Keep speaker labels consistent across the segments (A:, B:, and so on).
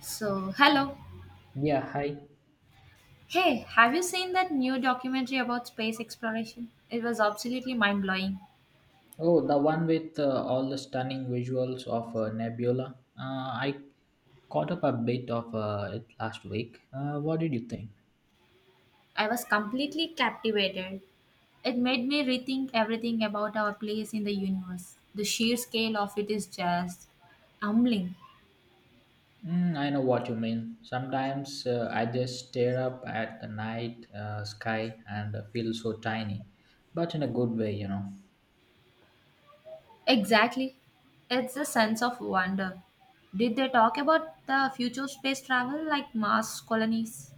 A: So, hello.
B: Yeah, hi.
A: Hey, have you seen that new documentary about space exploration? It was absolutely mind blowing.
B: Oh, the one with all the stunning visuals of Nebula. I caught up a bit of it last week. What did you think?
A: I was completely captivated. It made me rethink everything about our place in the universe. The sheer scale of it is just humbling.
B: Mm, I know what you mean. Sometimes I just stare up at the night sky and feel so tiny, but in a good way, you know.
A: Exactly. It's a sense of wonder. Did they talk about the future space travel like Mars colonies?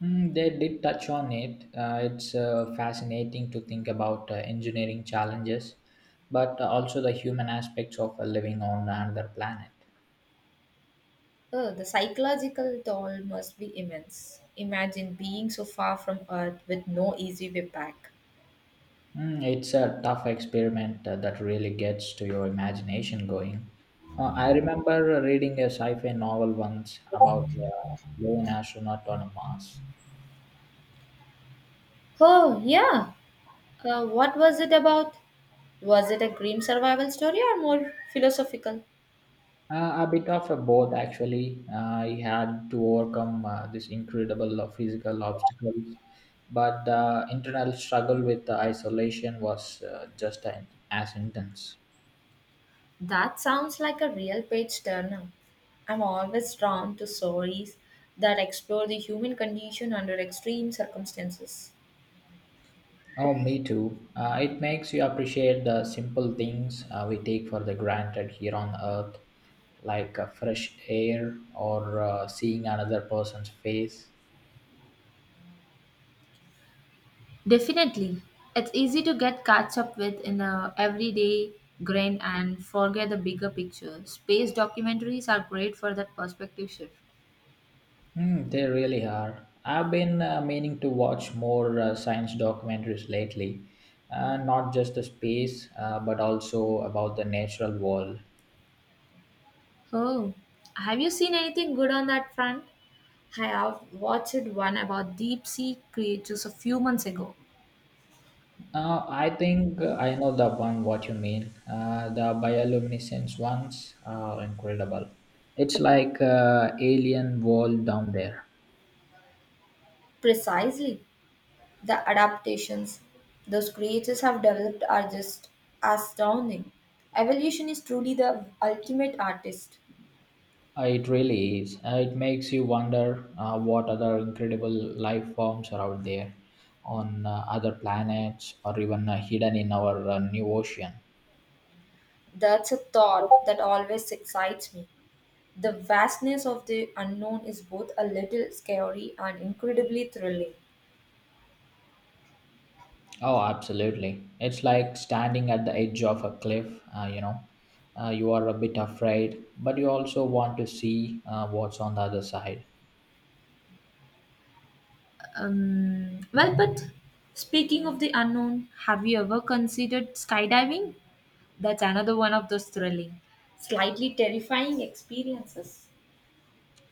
B: Mm, they did touch on it. It's fascinating to think about engineering challenges, but also the human aspects of living on another planet.
A: Oh, the psychological toll must be immense. Imagine being so far from Earth with no easy way back.
B: Mm, it's a tough experiment that really gets to your imagination going. I remember reading a sci-fi novel once about a lone astronaut on Mars.
A: Oh, yeah. What was it about? Was it a grim survival story or more philosophical?
B: A bit of a both, actually. He had to overcome this incredible physical obstacles, but the internal struggle with the isolation was as intense.
A: That sounds like a real page turner. I'm always drawn to stories that explore the human condition under extreme circumstances.
B: Oh, me too. It makes you appreciate the simple things we take for the granted here on earth, like fresh air or seeing another person's face.
A: Definitely. It's easy to get caught up with in a everyday grind and forget the bigger picture. Space documentaries are great for that perspective shift.
B: Hmm, they really are. I've been meaning to watch more science documentaries lately, not just the space, but also about the natural world.
A: Oh, have you seen anything good on that front? I have watched one about deep sea creatures a few months ago.
B: I think I know the one what you mean. The bioluminescence ones are incredible. It's like alien world down there.
A: Precisely. The adaptations those creatures have developed are just astounding. Evolution is truly the ultimate artist.
B: It really is. It makes you wonder what other incredible life forms are out there on other planets or even hidden in our new ocean.
A: That's a thought that always excites me. The vastness of the unknown is both a little scary and incredibly thrilling.
B: Oh, absolutely. It's like standing at the edge of a cliff, you know. You are a bit afraid, but you also want to see what's on the other side.
A: Well, but speaking of the unknown, have you ever considered skydiving? That's another one of those thrilling, slightly terrifying experiences.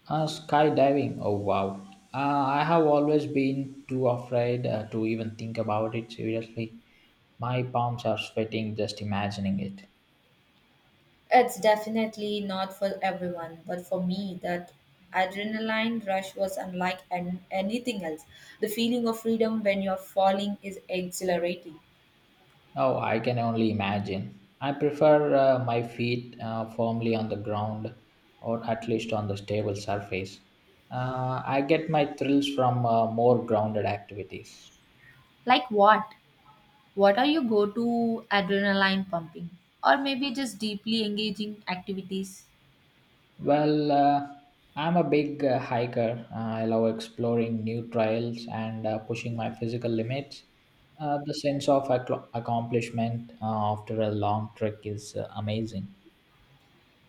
B: Skydiving, oh wow. I have always been too afraid to even think about it seriously. My palms are sweating just imagining it.
A: It's definitely not for everyone, but for me, that adrenaline rush was unlike anything else. The feeling of freedom when you're falling is exhilarating.
B: Oh, I can only imagine. I prefer my feet firmly on the ground or at least on the stable surface. I get my thrills from more grounded activities.
A: Like what? What are your go to adrenaline pumping or maybe just deeply engaging activities?
B: Well, I'm a big hiker. I love exploring new trails and pushing my physical limits. The sense of accomplishment after a long trek is amazing.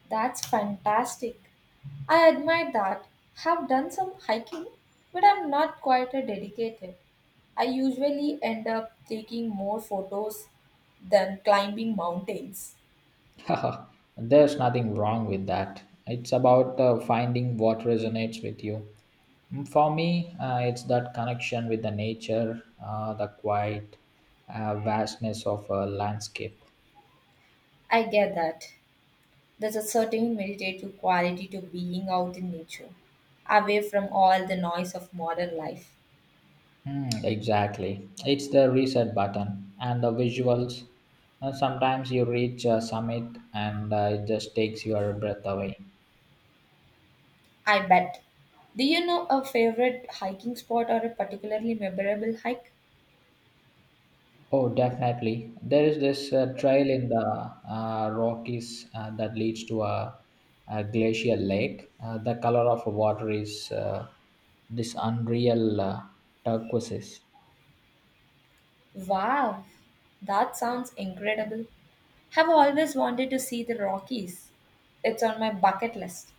A: That's fantastic. I admire that. Have done some hiking, but I'm not quite a dedicated. I usually end up taking more photos than climbing mountains.
B: There's nothing wrong with that. It's about finding what resonates with you. Mm, for me, it's that connection with the nature, the quiet vastness of a landscape.
A: I get that. There's a certain meditative quality to being out in nature, away from all the noise of modern life.
B: Hmm, exactly. It's the reset button and the visuals. Sometimes you reach a summit and it just takes your breath away.
A: I bet. Do you know a favorite hiking spot or a particularly memorable hike?
B: Oh, definitely. There is this trail in the Rockies that leads to a glacial lake. The color of water is this unreal turquoise.
A: Wow, that sounds incredible. Have always wanted to see the Rockies. It's on my bucket list.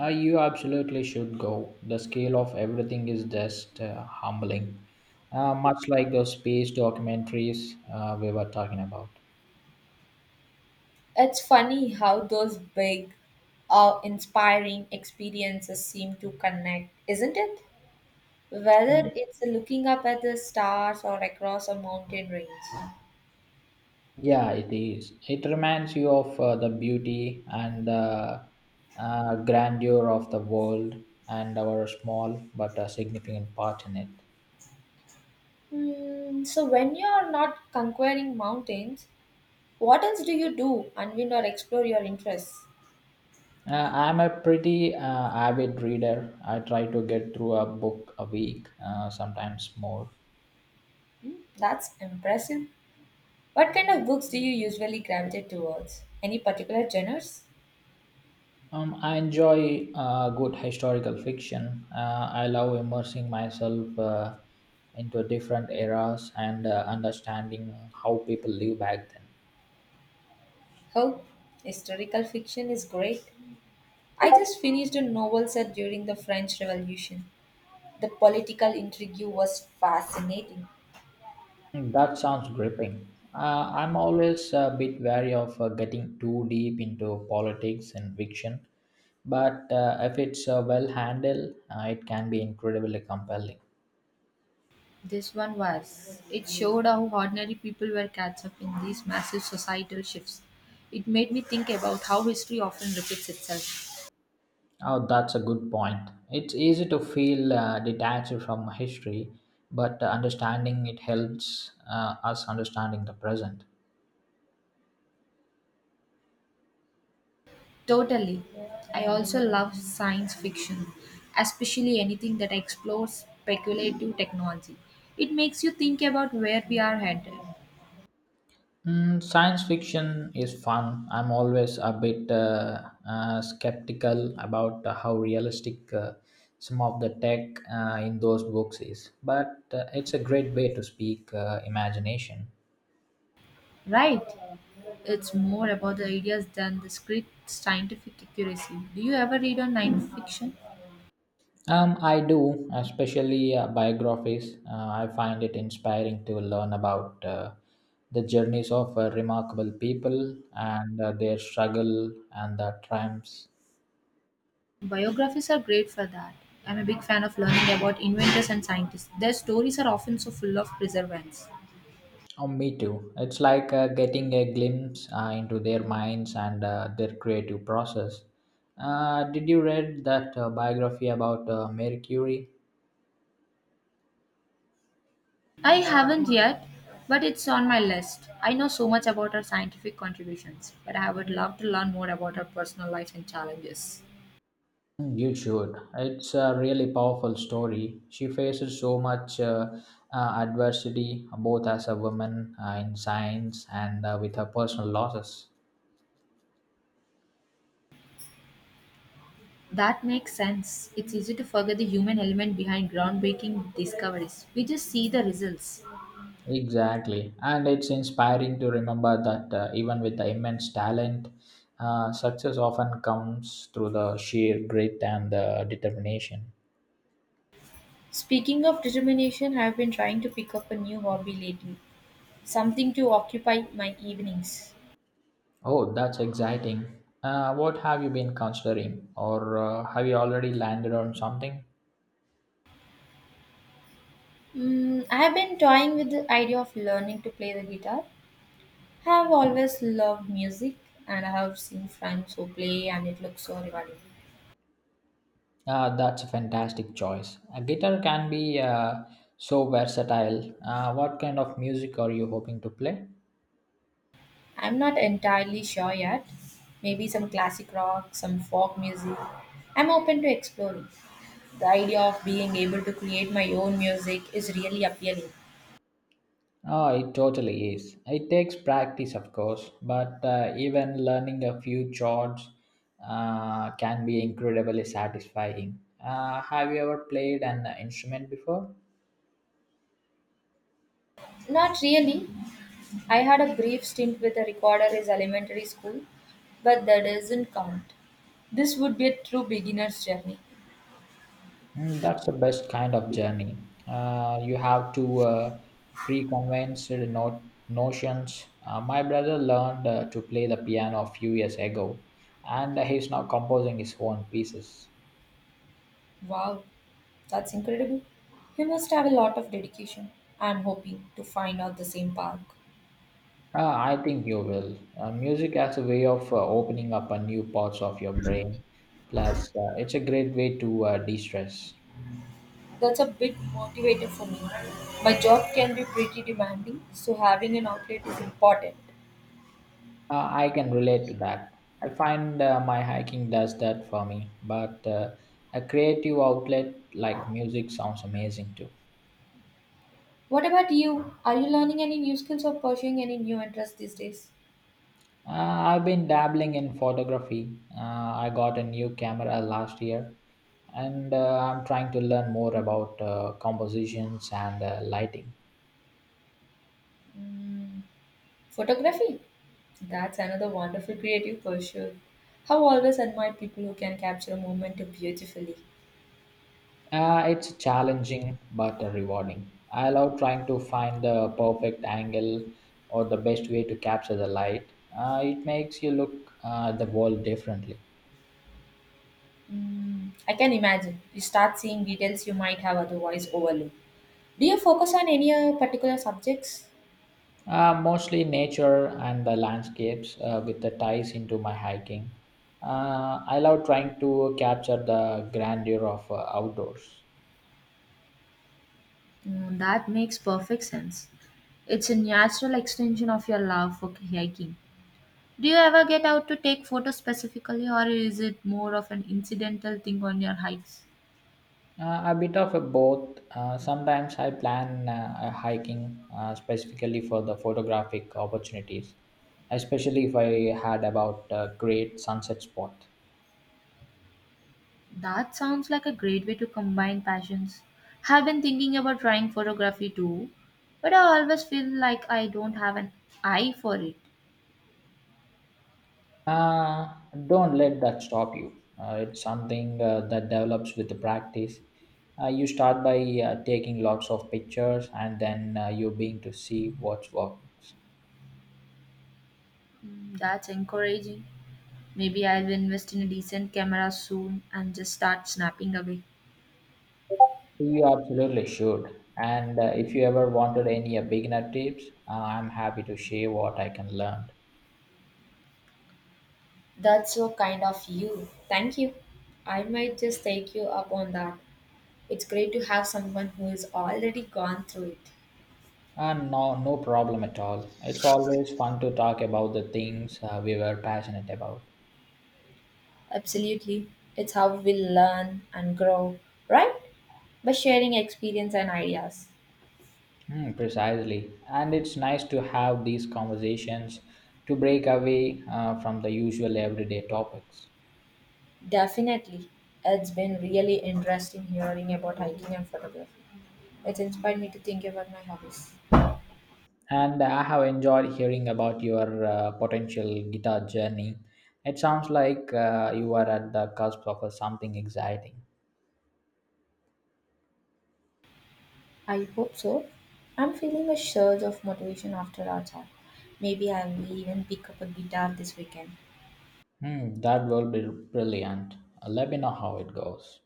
B: You absolutely should go. The scale of everything is just humbling, much like those space documentaries we were talking about.
A: It's funny how those big, awe inspiring experiences seem to connect, isn't it? Whether it's looking up at the stars or across a mountain range.
B: Yeah, it is. It reminds you of the beauty and the grandeur of the world and our small but significant part in it.
A: Hmm, so when you're not conquering mountains, what else do you do? Unwind or explore your interests?
B: I'm a pretty avid reader. I try to get through a book a week, sometimes more.
A: That's impressive. What kind of books do you usually gravitate towards? Any particular genres?
B: I enjoy good historical fiction. I love immersing myself into different eras and understanding how people live back then.
A: Oh, historical fiction is great. I just finished a novel set during the French Revolution. The political intrigue was fascinating.
B: Hmm, that sounds gripping. I'm always a bit wary of getting too deep into politics and fiction, but if it's well handled, it can be incredibly compelling.
A: This one was. It showed how ordinary people were caught up in these massive societal shifts. It made me think about how history often repeats itself.
B: Oh, that's a good point. It's easy to feel detached from history, but understanding it helps us understanding the present.
A: Totally. I also love science fiction, especially anything that explores speculative technology. It makes you think about where we are headed,
B: Mm, science fiction is fun. I'm always a bit skeptical about how realistic some of the tech in those books is, but it's a great way to speak imagination.
A: right? It's more about the ideas than the strict scientific accuracy. Do you ever read on science fiction?
B: I do, especially biographies. I find it inspiring to learn about the journeys of remarkable people and their struggle and the triumphs.
A: Biographies are great for that. I'm a big fan of learning about inventors and scientists. Their stories are often so full of perseverance.
B: Oh, me too. It's like getting a glimpse into their minds and their creative process. Did you read that biography about Mary Curie?
A: I haven't yet, but it's on my list. I know so much about her scientific contributions, but I would love to learn more about her personal life and challenges.
B: Mm, you should. It's a really powerful story. She faces so much adversity, both as a woman in science and with her personal losses.
A: That makes sense. It's easy to forget the human element behind groundbreaking discoveries. We just see the results.
B: Exactly, and it's inspiring to remember that even with the immense talent, success often comes through the sheer grit and the determination.
A: Speaking of determination, I've been trying to pick up a new hobby lately, something to occupy my evenings.
B: Oh, that's exciting. What have you been considering, or have you already landed on something?
A: Mm, I have been toying with the idea of learning to play the guitar. I have always loved music and I have seen friends who play and it looks so rewarding.
B: That's a fantastic choice. A guitar can be so versatile. What kind of music are you hoping to play?
A: I'm not entirely sure yet. Maybe some classic rock, some folk music. I'm open to exploring. The idea of being able to create my own music is really appealing.
B: Ah, it totally is. It takes practice, of course, but even learning a few chords can be incredibly satisfying. Have you ever played an instrument before?
A: Not really. I had a brief stint with a recorder in elementary school, but that doesn't count. This would be a true beginner's journey.
B: Mm, that's the best kind of journey. You have to pre-convince your no- notions. My brother learned to play the piano a few years ago, and he's now composing his own pieces.
A: Wow, that's incredible. You must have a lot of dedication. I'm hoping to find out the same park.
B: I think you will. Music as a way of opening up a new parts of your brain. Plus, it's a great way to de-stress.
A: That's a big motivator for me. My job can be pretty demanding, so having an outlet is important.
B: I can relate to that. I find my hiking does that for me. But a creative outlet like music sounds amazing too.
A: What about you? Are you learning any new skills or pursuing any new interests these days?
B: I've been dabbling in photography. I got a new camera last year, and I'm trying to learn more about compositions and lighting.
A: Mm. Photography? That's another wonderful creative pursuit. Have always admired people who can capture a moment beautifully.
B: It's challenging but rewarding. I love trying to find the perfect angle or the best way to capture the light. It makes you look at the world differently.
A: Mm, I can imagine. You start seeing details you might have otherwise overlooked. Do you focus on any particular subjects?
B: Mostly nature and the landscapes with the ties into my hiking. I love trying to capture the grandeur of outdoors.
A: Mm, that makes perfect sense. It's a natural extension of your love for hiking. Do you ever get out to take photos specifically, or is it more of an incidental thing on your hikes?
B: A bit of a both. Sometimes I plan a hiking specifically for the photographic opportunities, especially if I had about a great sunset spot.
A: That sounds like a great way to combine passions. I've been thinking about trying photography too, but I always feel like I don't have an eye for it.
B: Uh, don't let that stop you. It's something that develops with the practice. You start by taking lots of pictures and then you begin to see what works.
A: Mm, that's encouraging. Maybe I'll invest in a decent camera soon and just start snapping away.
B: You absolutely should. And if you ever wanted any beginner tips, I'm happy to share what I can learn.
A: That's so kind of you. Thank you. I might just take you up on that. It's great to have someone who is already gone through it.
B: And no problem at all. It's always fun to talk about the things we were passionate about.
A: Absolutely. It's how we learn and grow, right? By sharing experience and ideas.
B: Hmm, precisely. And it's nice to have these conversations to break away from the usual everyday topics.
A: Definitely. It's been really interesting hearing about hiking and photography. It's inspired me to think about my hobbies.
B: And I have enjoyed hearing about your potential guitar journey. It sounds like you are at the cusp of something exciting.
A: I hope so. I'm feeling a surge of motivation after our chat. Maybe I will even pick up a guitar this weekend.
B: Hmm, that will be brilliant. Let me know how it goes.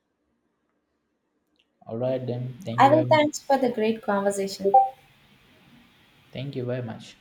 B: All right, then. Thank
A: I
B: you
A: will
B: very much.
A: thanks for the great conversation.
B: Thank you very much.